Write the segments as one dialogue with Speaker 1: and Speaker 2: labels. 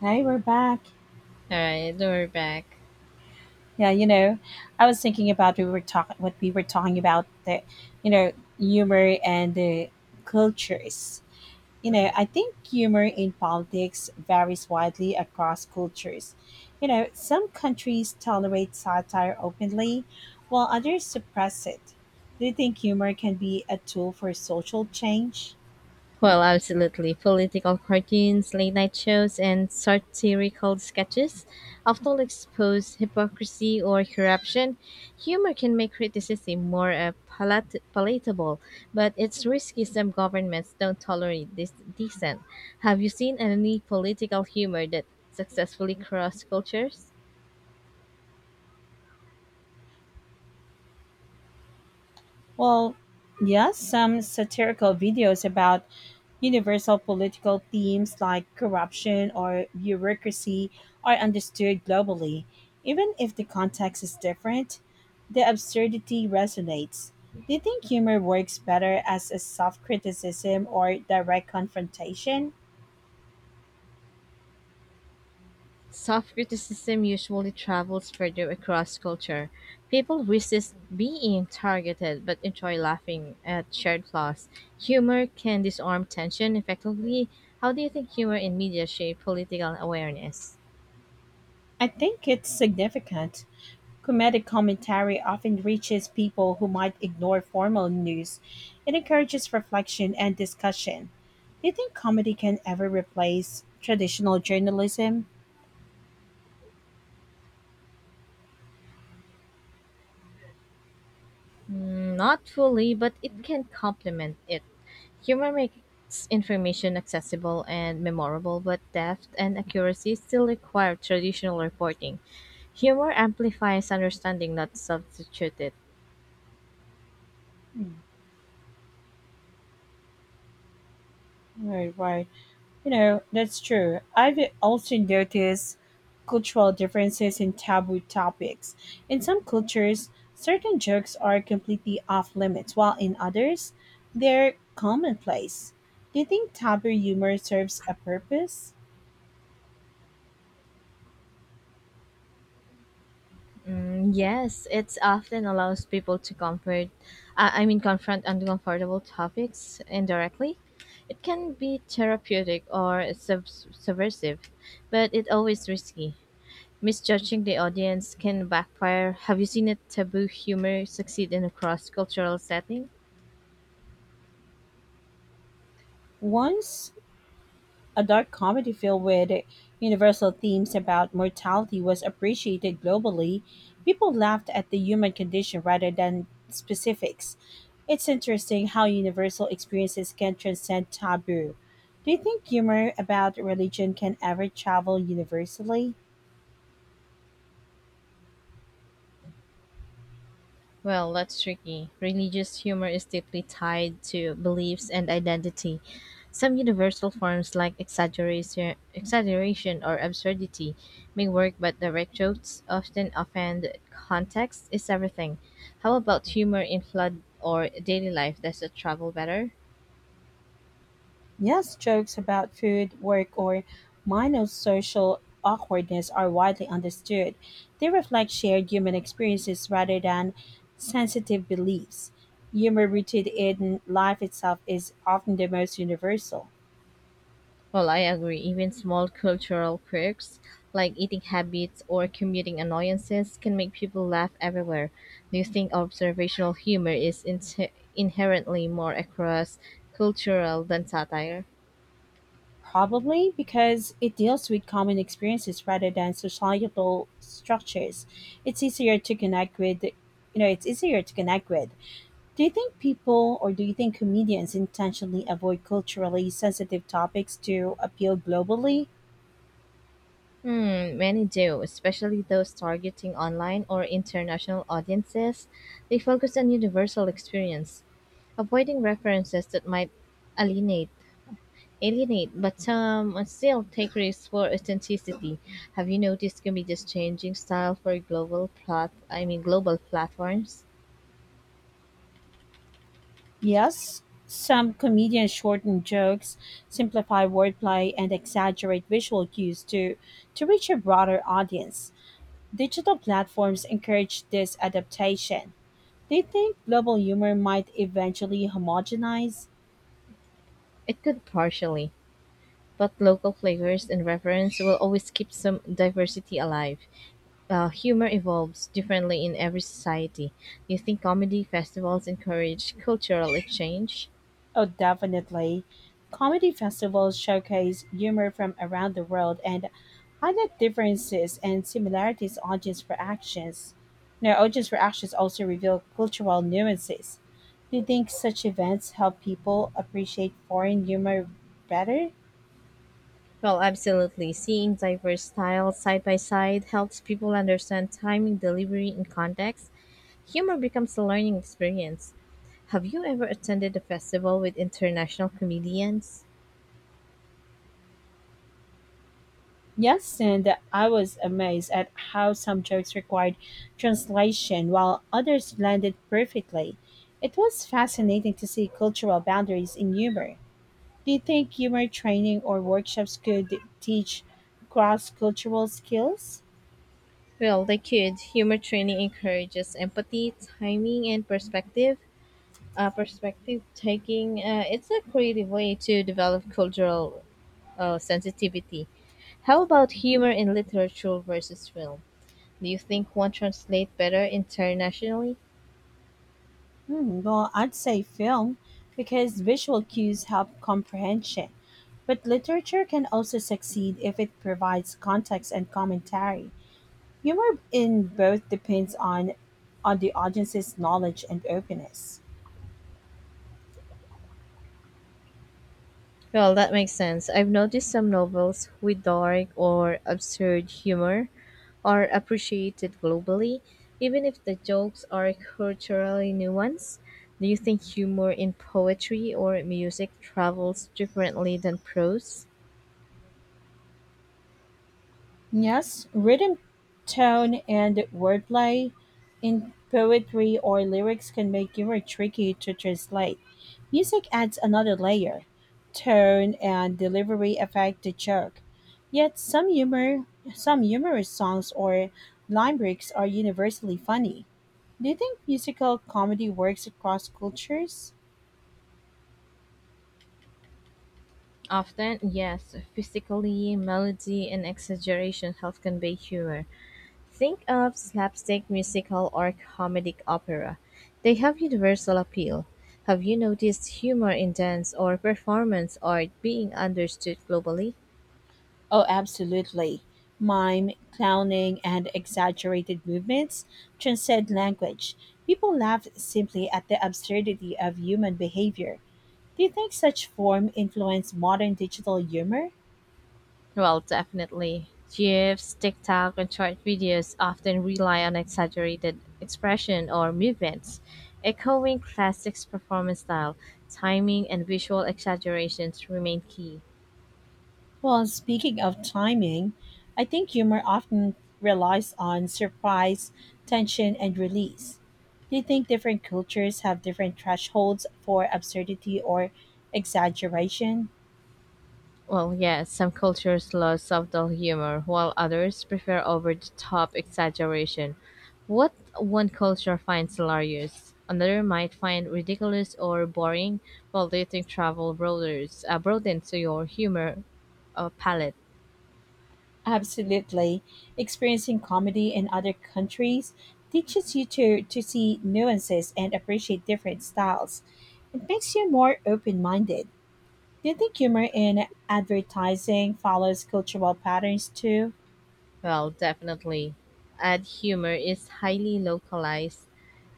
Speaker 1: Hey, we're back.
Speaker 2: All right, we're back.
Speaker 1: Yeah, you know, I was thinking about we were talking what we were talking about the, you know, humor and the cultures. I think humor in politics varies widely across cultures. You know, some countries tolerate satire openly, while others suppress it. Do you think humor can be a tool for social change?
Speaker 2: Well, absolutely. Political cartoons, late night shows, and satirical sketches often expose hypocrisy or corruption. Humor can make criticism more palatable, but it's risky some governments don't tolerate this dissent. Have you seen any political humor that successfully crossed cultures?
Speaker 1: Well, yes, some satirical videos about universal political themes like corruption or bureaucracy are understood globally. Even if the context is different, the absurdity resonates. Do you think humor works better as a soft criticism or direct confrontation?
Speaker 2: Soft criticism usually travels further across culture. People resist being targeted but enjoy laughing at shared flaws. Humor can disarm tension effectively. How do you think humor in media shape political awareness?
Speaker 1: I think it's significant. Comedic commentary often reaches people who might ignore formal news. It encourages reflection and discussion. Do you think comedy can ever replace traditional journalism?
Speaker 2: Mm, not fully, but it can complement it. Humor makes information accessible and memorable, but depth and accuracy still require traditional reporting. Humor amplifies understanding, not substitute it.
Speaker 1: Mm, right, right. You know, that's true. I've also noticed cultural differences in taboo topics. In some cultures, certain jokes are completely off limits, while in others, they're commonplace. Do you think taboo humor serves a purpose?
Speaker 2: Mm, yes, it's often allows people to confront uncomfortable topics indirectly. It can be therapeutic or subversive, but it's always risky. Misjudging the audience can backfire. Have you seen a taboo humor succeed in a cross cultural setting?
Speaker 1: Once a dark comedy filled with universal themes about mortality was appreciated globally, people laughed at the human condition rather than specifics. It's interesting how universal experiences can transcend taboo. Do you think humor about religion can ever travel universally?
Speaker 2: Well, that's tricky. Religious humor is deeply tied to beliefs and identity. Some universal forms like exaggeration or absurdity may work, but direct jokes often offend. Context is everything. How about humor in flood or daily life? Does it travel better?
Speaker 1: Yes, jokes about food, work, or minor social awkwardness are widely understood. They reflect shared human experiences rather than sensitive beliefs. Humor rooted in life itself is often the most universal,
Speaker 2: Well, I agree. Even small cultural quirks like eating habits or commuting annoyances can make people laugh everywhere. Do you think observational humor is inherently more across cultural than satire?
Speaker 1: probably because it deals with common experiences rather than societal structures. It's easier to connect with, you know, it's easier to connect with. Do you think people or do you think comedians intentionally avoid culturally sensitive topics to appeal globally?
Speaker 2: Hmm, many do, especially those targeting online or international audiences. They focus on universal experience, avoiding references that might alienate alienate, but some still take risks for authenticity. Have you noticed comedians changing style for global platforms?
Speaker 1: Yes, some comedians shorten jokes, simplify wordplay, and exaggerate visual cues to reach a broader audience. Digital platforms encourage this adaptation. Do you think global humor might eventually homogenize?
Speaker 2: It could partially, but local flavors and reference will always keep some diversity alive. Humor evolves differently in every society. Do you think comedy festivals encourage cultural exchange?
Speaker 1: Oh, definitely. Comedy festivals showcase humor from around the world and highlight differences and similarities audience reactions. Now, audience reactions also reveal cultural nuances. Do you think such events help people appreciate foreign humor better?
Speaker 2: Well, absolutely. Seeing diverse styles side by side helps people understand timing, delivery, and context. Humor becomes a learning experience. Have you ever attended a festival with international comedians?
Speaker 1: Yes, and I was amazed at how some jokes required translation while others landed perfectly. It was fascinating to see cultural boundaries in humor. Do you think humor training or workshops could teach cross cultural skills?
Speaker 2: Well, they could. Humor training encourages empathy, timing, and perspective. Perspective taking. It's a creative way to develop cultural sensitivity. How about humor in literature versus film? Do you think one translates better internationally?
Speaker 1: Hmm, well, I'd say film because visual cues help comprehension. But literature can also succeed if it provides context and commentary. Humor in both depends on the audience's knowledge and openness.
Speaker 2: Well, that makes sense. I've noticed some novels with dark or absurd humor are appreciated globally, even if the jokes are culturally nuanced. Do you think humor in poetry or music travels differently than prose?
Speaker 1: Yes, rhythm, tone, and wordplay in poetry or lyrics can make humor tricky to translate. Music adds another layer. Tone and delivery affect the joke. Yet some humorous songs or line breaks are universally funny. Do you think musical comedy works across cultures?
Speaker 2: Often, yes. Physically, melody and exaggeration help convey humor. Think of slapstick, musical, or comedic opera. They have universal appeal. Have you noticed humor in dance or performance art being understood globally?
Speaker 1: Oh, absolutely. Mime, clowning, and exaggerated movements transcend language. People laughed simply at the absurdity of human behavior. Do you think such form influenced modern digital humor?
Speaker 2: Well, definitely. GIFs, TikTok, and short videos often rely on exaggerated expression or movements, echoing classic performance style. Timing and visual exaggerations remain key.
Speaker 1: Well, speaking of timing, I think humor often relies on surprise, tension, and release. Do you think different cultures have different thresholds for absurdity or exaggeration?
Speaker 2: Well, yes, some cultures love subtle humor, while others prefer over-the-top exaggeration. What one culture finds hilarious, another might find ridiculous or boring, while dating travel broadens your humor palette.
Speaker 1: Absolutely. Experiencing comedy in other countries teaches you to see nuances and appreciate different styles. It makes you more open minded. Do you think humor in advertising follows cultural patterns too?
Speaker 2: Well, definitely. Ad humor is highly localized.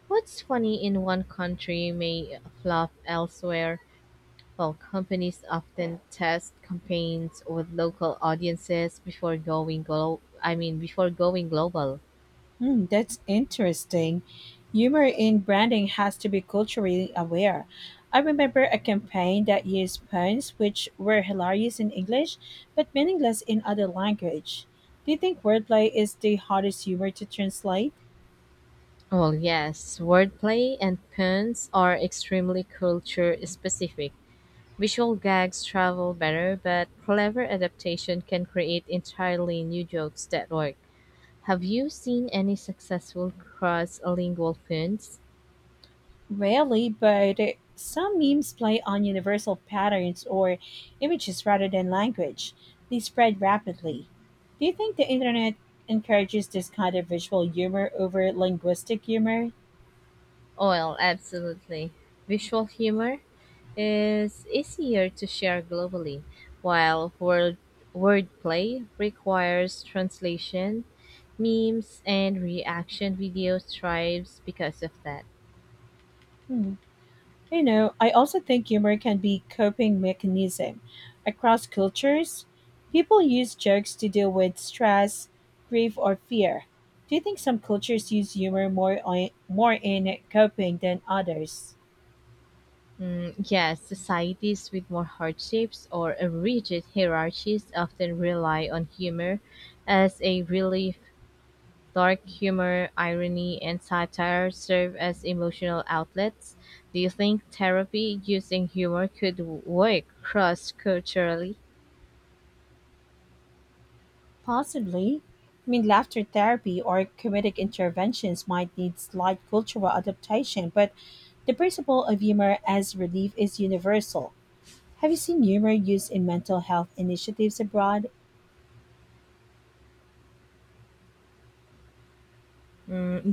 Speaker 2: What's funny in one country may fluff elsewhere. While companies often test campaigns with local audiences before going glo- I mean before going global.
Speaker 1: Hmm, that's interesting. Humor in branding has to be culturally aware. I remember a campaign that used puns which were hilarious in English but meaningless in other language. Do you think wordplay is the hardest humor to translate?
Speaker 2: Well, yes, wordplay and puns are extremely culture specific. Visual gags travel better, but clever adaptation can create entirely new jokes that work. Have you seen any successful cross-lingual puns?
Speaker 1: Rarely, but some memes play on universal patterns or images rather than language. They spread rapidly. Do you think the internet encourages this kind of visual humor over linguistic humor?
Speaker 2: Oh, well, absolutely. Visual humor is easier to share globally, while wordplay requires translation, memes, and reaction video thrives because of that.
Speaker 1: Hmm. I also think humor can be coping mechanism. Across cultures, people use jokes to deal with stress, grief, or fear. Do you think some cultures use humor more in coping than others?
Speaker 2: Mm, yes, societies with more hardships or a rigid hierarchies often rely on humor as a relief. Dark humor, irony, and satire serve as emotional outlets. Do you think therapy using humor could work cross culturally?
Speaker 1: Possibly. I mean, laughter therapy or comedic interventions might need slight cultural adaptation, but the principle of humor as relief is universal. Have you seen humor used in mental health initiatives abroad?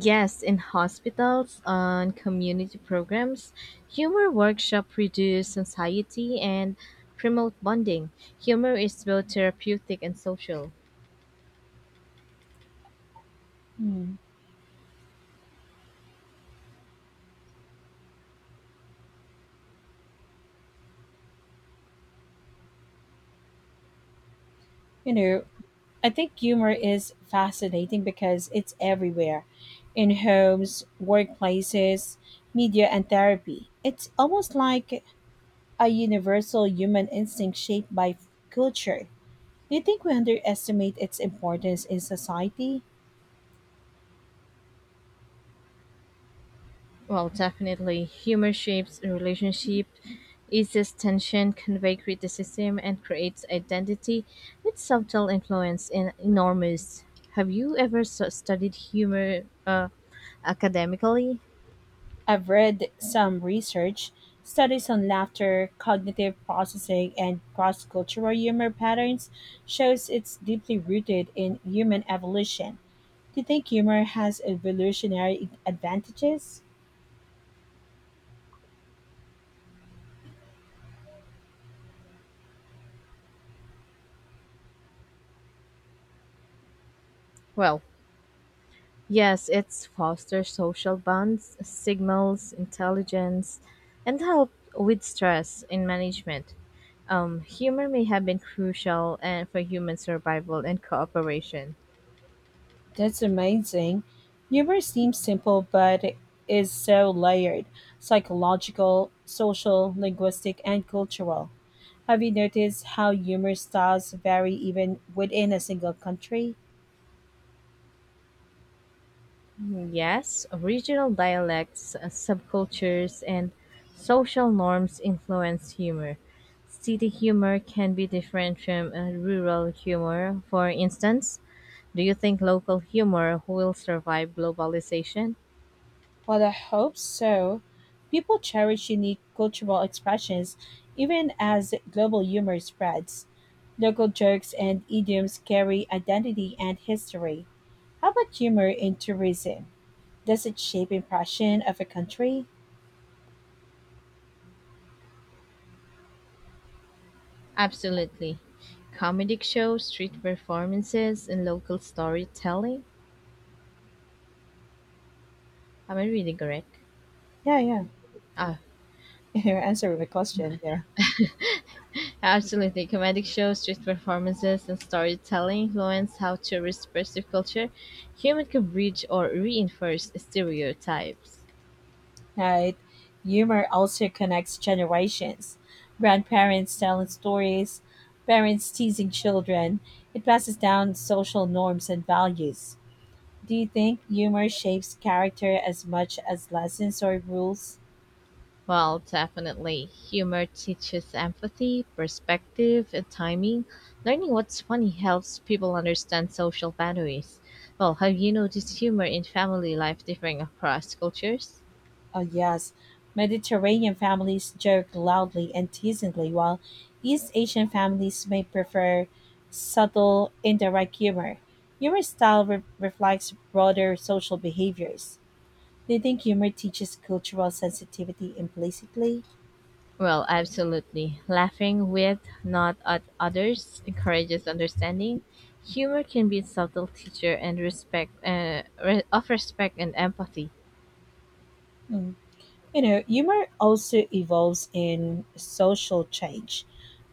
Speaker 2: Yes, in hospitals, on community programs, humor workshop reduce anxiety and promote bonding. Humor is both therapeutic and social.
Speaker 1: Hmm. You know, I think humor is fascinating because it's everywhere in homes, workplaces, media, and therapy. It's almost like a universal human instinct shaped by culture. Do you think we underestimate its importance in society?
Speaker 2: Well, definitely, humor shapes a relationship, eases tension, convey criticism, and creates identity. Its subtle influence is enormous. Have you ever studied humor academically?
Speaker 1: I've read some research studies on laughter, cognitive processing, and cross-cultural humor patterns shows it's deeply rooted in human evolution. Do you think humor has evolutionary advantages?
Speaker 2: Well, yes, it's fosters social bonds, signals intelligence, and help with stress in management. Humor may have been crucial and for human survival and cooperation.
Speaker 1: That's amazing. Humor seems simple, but it is so layered psychological, social, linguistic, and cultural. Have you noticed how humor styles vary even within a single country?
Speaker 2: Yes, regional dialects, subcultures, and social norms influence humor. City humor can be different from rural humor. For instance, do you think local humor will survive globalization?
Speaker 1: Well, I hope so. People cherish unique cultural expressions even as global humor spreads. Local jokes and idioms carry identity and history. How about humor in tourism? Does it shape impression of a country?
Speaker 2: Absolutely. Comedic shows, street performances, and local storytelling. Am I reading correct?
Speaker 1: Yeah, yeah.
Speaker 2: Ah,
Speaker 1: You're answering the question. Yeah.
Speaker 2: absolutely. Comedic shows, street performances, and storytelling influence how tourists perceive culture. Humor can bridge or reinforce stereotypes.
Speaker 1: Right. Humor also connects generations. Grandparents telling stories, parents teasing children. It passes down social norms and values. Do you think humor shapes character as much as lessons or rules?
Speaker 2: Well, definitely. Humor teaches empathy, perspective, and timing. Learning what's funny helps people understand social boundaries. Well, have you noticed humor in family life differing across cultures?
Speaker 1: Oh, yes. Mediterranean families joke loudly and teasingly, while East Asian families may prefer subtle, indirect humor. Humor style reflects broader social behaviors. Do you think humor teaches cultural sensitivity implicitly?
Speaker 2: Well, absolutely. Laughing with, not at others, encourages understanding. Humor can be a subtle teacher and respect of respect and empathy.
Speaker 1: Hmm. You know, humor also evolves in social change.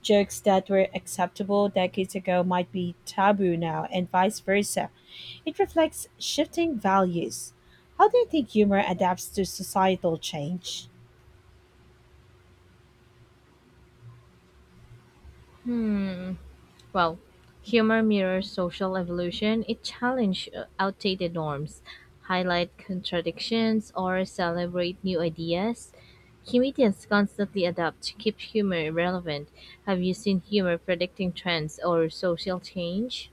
Speaker 1: Jokes that were acceptable decades ago might be taboo now, and vice versa. It reflects shifting values. How do you think humor adapts to societal change?
Speaker 2: Well, humor mirrors social evolution. It challenges outdated norms, highlight contradictions, or celebrate new ideas. Comedians constantly adapt to keep humor relevant. Have you seen humor predicting trends or social change?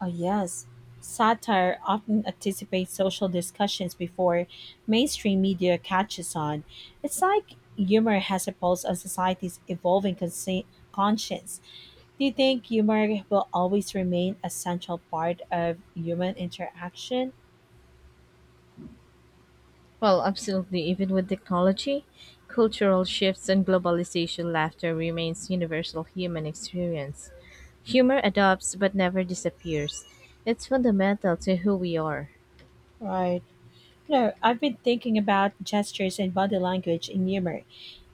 Speaker 1: Oh, yes. Satire often anticipates social discussions before mainstream media catches on. It's like humor has a pulse on society's evolving conscience. Do you think humor will always remain a central part of human interaction?
Speaker 2: Well, absolutely. Even with technology, cultural shifts, and globalization, laughter remains universal human experience. Humor adapts but never disappears. It's fundamental to who we are.
Speaker 1: Right. I've been thinking about gestures and body language in humor.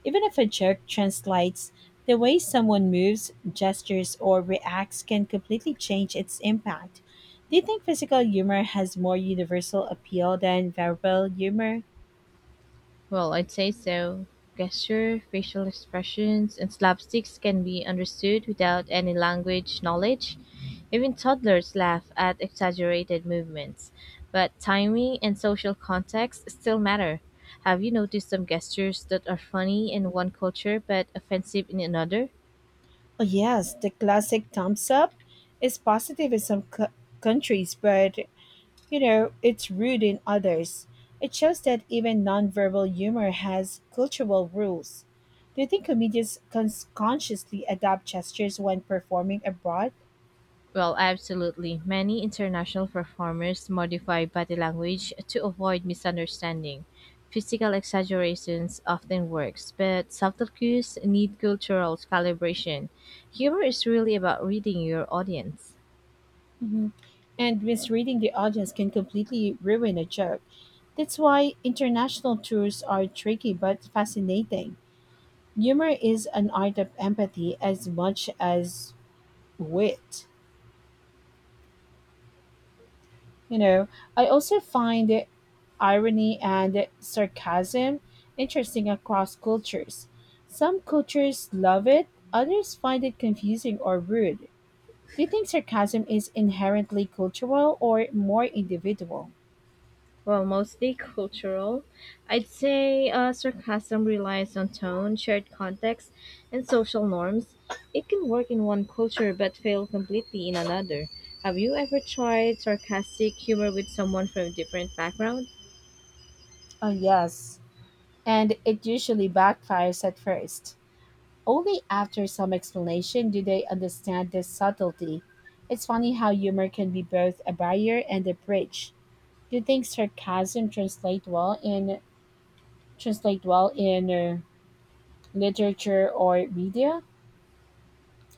Speaker 1: Even if a joke translates, the way someone moves, gestures, or reacts can completely change its impact. Do you think physical humor has more universal appeal than verbal humor?
Speaker 2: Well, I'd say so. Gesture, facial expressions, and slapsticks can be understood without any language knowledge. Even toddlers laugh at exaggerated movements, but timing and social context still matter. Have you noticed some gestures that are funny in one culture but offensive in another?
Speaker 1: Oh, yes, the classic thumbs up is positive in some countries, but You know, it's rude in others. It shows that even nonverbal humor has cultural rules. Do you think comedians consciously adapt gestures when performing abroad?
Speaker 2: Well, absolutely. Many international performers modify body language to avoid misunderstanding. Physical exaggerations often works, but subtle cues need cultural calibration. Humor is really about reading your audience.
Speaker 1: Mhm. And misreading the audience can completely ruin a joke. That's why international tours are tricky but fascinating. Humor is an art of empathy as much as wit. You know, I also find irony and sarcasm interesting across cultures. Some cultures love it, others find it confusing or rude. Do you think sarcasm is inherently cultural or more individual?
Speaker 2: Well, mostly cultural. I'd say sarcasm relies on tone, shared context, and social norms. It can work in one culture but fail completely in another. Have you ever tried sarcastic humor with someone from a different background?
Speaker 1: Oh, yes. And it usually backfires at first. Only after some explanation do they understand the subtlety. It's funny how humor can be both a barrier and a bridge. Do you think sarcasm translate well in literature or media?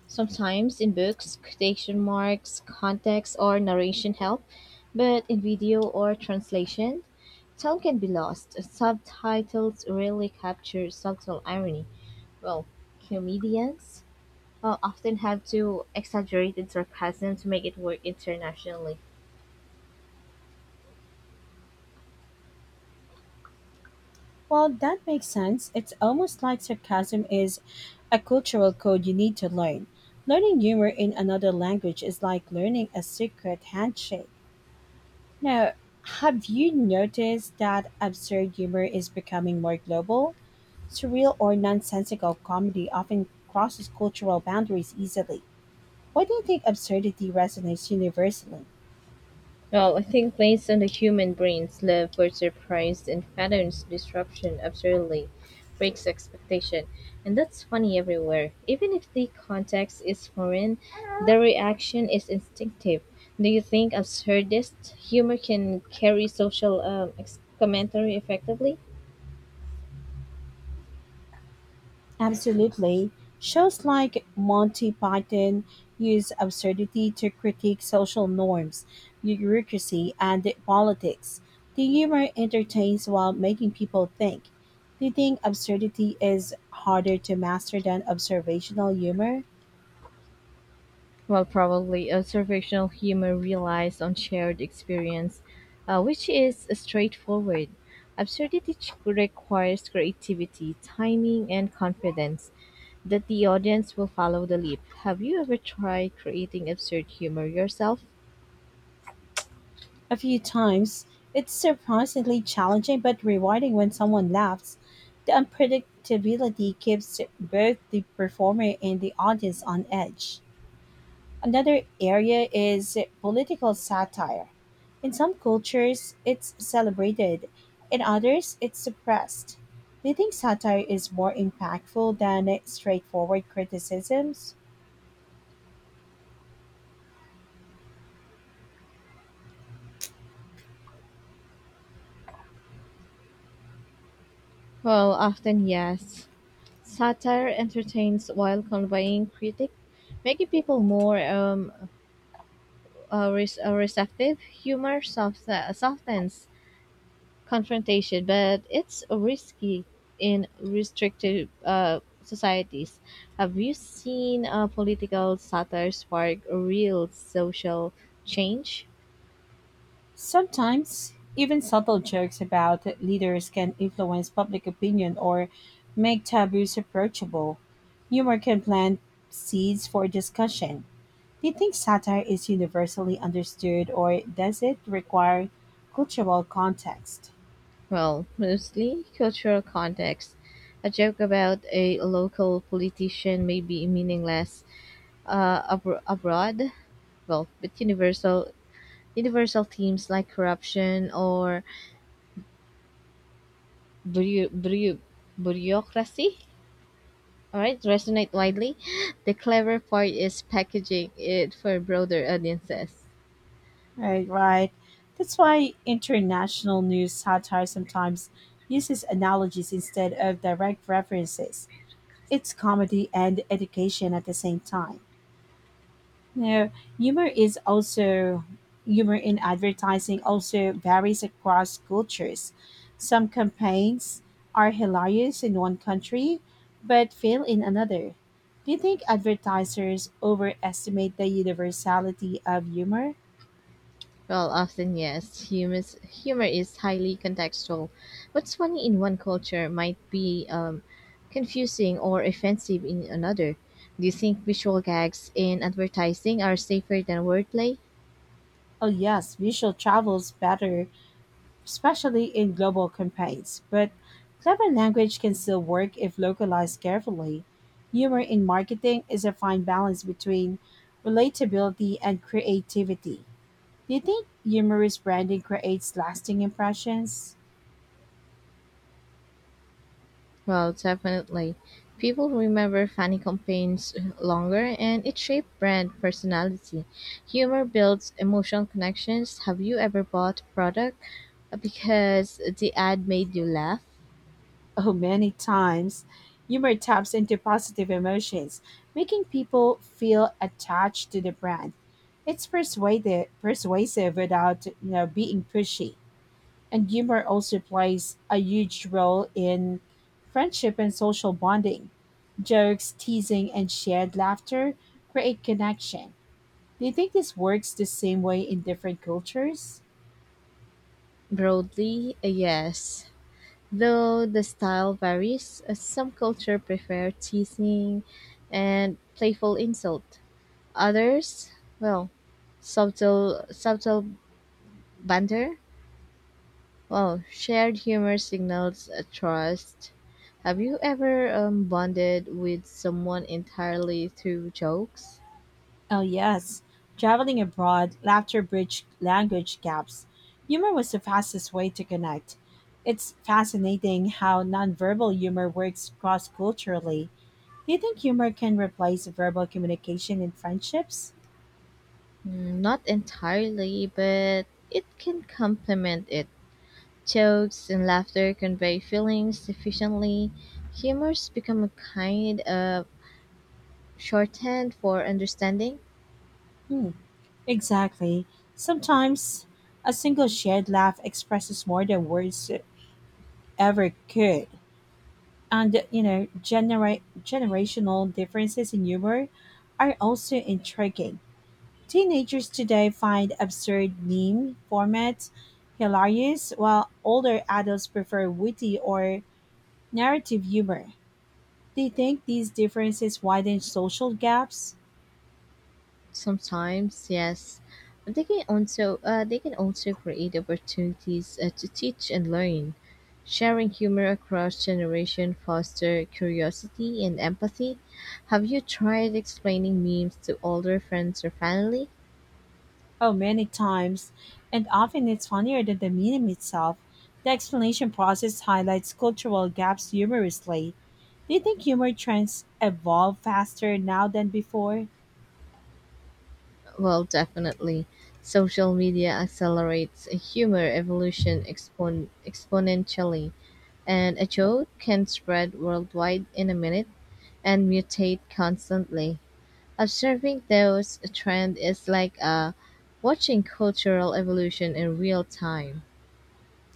Speaker 2: Sometimes in books, quotation marks, context, or narration help, but in video or translation, tone can be lost. Subtitles rarely capture subtle irony. Well, comedians often had to exaggerate its sarcasm to make it work internationally.
Speaker 1: Well, that makes sense. It's almost like sarcasm is a cultural code you need to learn. Learning humor in another language is like learning a secret handshake. Now, have you noticed that absurd humor is becoming more global? Surreal or nonsensical comedy often crosses cultural boundaries easily. Why do you think absurdity resonates universally?
Speaker 2: Well, I think based on the human brain's love for surprise and patterns, disruption absurdly breaks expectation. And that's funny everywhere. Even if the context is foreign, the reaction is instinctive. Do you think absurdist humor can carry social commentary effectively?
Speaker 1: Absolutely. Shows like Monty Python use absurdity to critique social norms, bureaucracy, and politics. The humor entertains while making people think. Do you think absurdity is harder to master than observational humor?
Speaker 2: Well, probably observational humor relies on shared experience, which is straightforward. Absurdity requires creativity, timing, and confidence that the audience will follow the leap. Have you ever tried creating absurd humor yourself?
Speaker 1: A few times, it's surprisingly challenging but rewarding when someone laughs. The unpredictability keeps both the performer and the audience on edge. Another area is political satire. In some cultures, it's celebrated, in others, it's suppressed. Do you think satire is more impactful than straightforward criticisms?
Speaker 2: Well, often yes. Satire entertains while conveying critique, making people more receptive. Humor softens confrontation, but it's risky in restrictive societies. Have you seen political satire spark real social change?
Speaker 1: Sometimes, even subtle jokes about leaders can influence public opinion or make taboos approachable. Humor can plant seeds for discussion. Do you think satire is universally understood or does it require cultural context?
Speaker 2: Well, mostly cultural context. A joke about a local politician may be meaningless abroad, but universal themes like corruption or bureau- bureau- bureaucracy. All right, resonate widely. The clever part is packaging it for broader audiences.
Speaker 1: Right, right. That's why international news satire sometimes uses analogies instead of direct references. It's comedy and education at the same time. Now, humor is also humor in advertising also varies across cultures. Some campaigns are hilarious in one country but fail in another. Do you think advertisers overestimate the universality of humor?
Speaker 2: Well, often yes, humor is highly contextual. What's funny in one culture might be confusing or offensive in another. Do you think visual gags in advertising are safer than wordplay?
Speaker 1: Oh yes, visual travels better especially in global campaigns. But clever language can still work if localized carefully. Humor in marketing is a fine balance between relatability and creativity. Do you think humorous branding creates lasting impressions?
Speaker 2: Well, definitely. People remember funny campaigns longer and it shaped brand personality. Humor builds emotional connections. Have you ever bought a product because the ad made you laugh?
Speaker 1: Oh, many times. Humor taps into positive emotions, making people feel attached to the brand. It's persuasive without being pushy. And humor also plays a huge role in friendship and social bonding. Jokes, teasing, and shared laughter create connection. Do you think this works the same way in different cultures?
Speaker 2: Broadly, a yes. Though the style varies, some culture prefer teasing and playful insult. Others, well, subtle banter. Wow, shared humor signals a trust. Have you ever bonded with someone entirely through jokes?
Speaker 1: Oh, yes. Traveling abroad, laughter bridged language gaps. Humor was the fastest way to connect. It's fascinating how nonverbal humor works cross culturally. Do you think humor can replace verbal communication in friendships?
Speaker 2: Mm, not entirely, but it can complement it. Jokes and laughter convey feelings efficiently. Humors become a kind of shorthand for understanding.
Speaker 1: Hmm. Exactly. Sometimes a single shared laugh expresses more than words ever could. And generational differences in humor are also intriguing. Teenagers today find absurd meme formats hilarious, while older adults prefer witty or narrative humor. They think these differences widen social gaps.
Speaker 2: Sometimes, yes. But they can also create opportunities to teach and learn. Sharing humor across generation foster curiosity and empathy. Have you tried explaining memes to older friends or family?
Speaker 1: Oh, many times. And often it's funnier than the meme itself. The explanation process highlights cultural gaps humorously. Do you think humor trends evolve faster now than before?
Speaker 2: Well, definitely. Social media accelerates humor evolution exponentially, and a joke can spread worldwide in a minute and mutate constantly. Observing those trends is like watching cultural evolution in real time.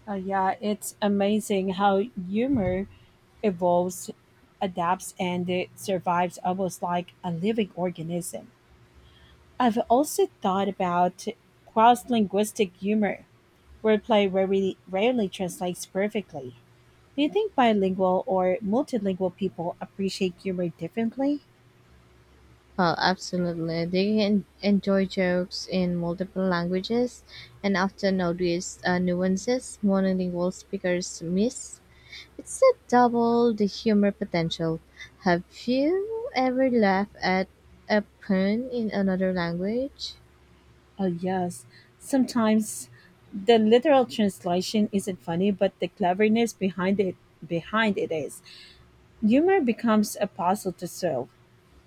Speaker 1: Yeah, it's amazing how humor evolves, adapts, and it survives almost like a living organism. I've also thought about cross linguistic humor, wordplay rarely translates perfectly. Do you think bilingual or multilingual people appreciate humor differently?
Speaker 2: Well, absolutely. They can enjoy jokes in multiple languages and often notice nuances monolingual speakers miss. It's a double the humor potential. Have you ever laughed at a pun in another language?
Speaker 1: Oh, yes. Sometimes the literal translation isn't funny, but the cleverness behind it is. Humor becomes a puzzle to solve.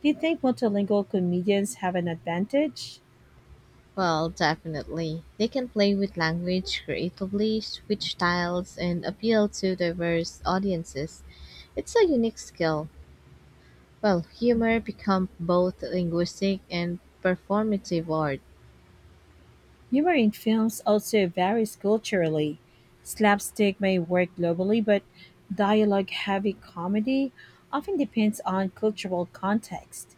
Speaker 1: Do you think multilingual comedians have an advantage?
Speaker 2: Well, definitely. They can play with language creatively, switch styles, and appeal to diverse audiences. It's a unique skill. Well, humor becomes both linguistic and performative art.
Speaker 1: Humor in films also varies culturally. Slapstick may work globally, but dialogue heavy comedy often depends on cultural context.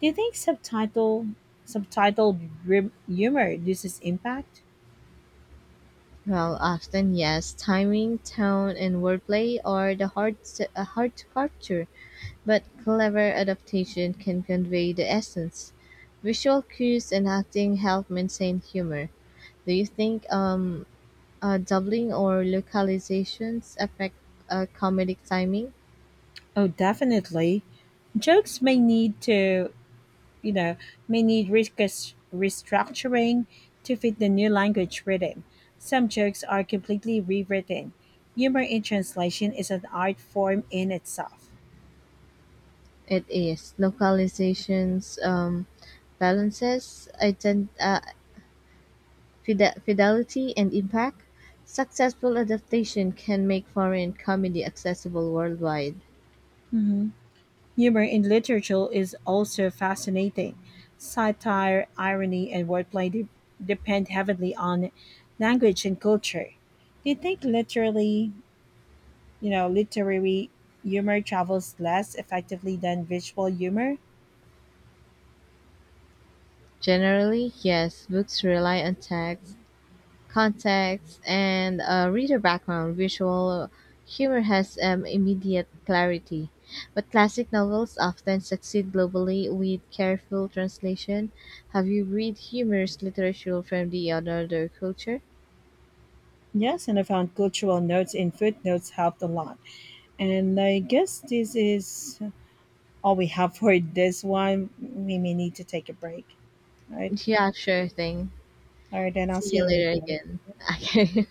Speaker 1: Do you think subtitle humor loses impact?
Speaker 2: Well, often yes, timing, tone, and wordplay are the hard to capture, but clever adaptation can convey the essence. Visual cues and acting help maintain humor. Do you think doubling or localizations affect comedic timing.
Speaker 1: Oh, definitely. Jokes may need to you know, may need restructuring to fit the new language rhythm. Some jokes are completely rewritten. Humor in translation is an art form in itself.
Speaker 2: It is localizations balances fidelity and impact. Successful adaptation can make foreign comedy accessible worldwide.
Speaker 1: Mhm. Humor in literature is also fascinating. Satire, irony, and wordplay depend heavily on language and culture. Do you think literary humor travels less effectively than visual humor?
Speaker 2: Generally, yes, books rely on text context, and a reader background, visual humor has immediate clarity. But classic novels often succeed globally with careful translation. Have you read humorous literature from the another culture?
Speaker 1: Yes, and I found cultural notes in footnotes helped a lot. And I guess this is all we have for this one. We may need to take a break. All right.
Speaker 2: Yeah, sure thing.
Speaker 1: All right, then I'll
Speaker 2: See
Speaker 1: see you
Speaker 2: you later
Speaker 1: later.
Speaker 2: again. Okay.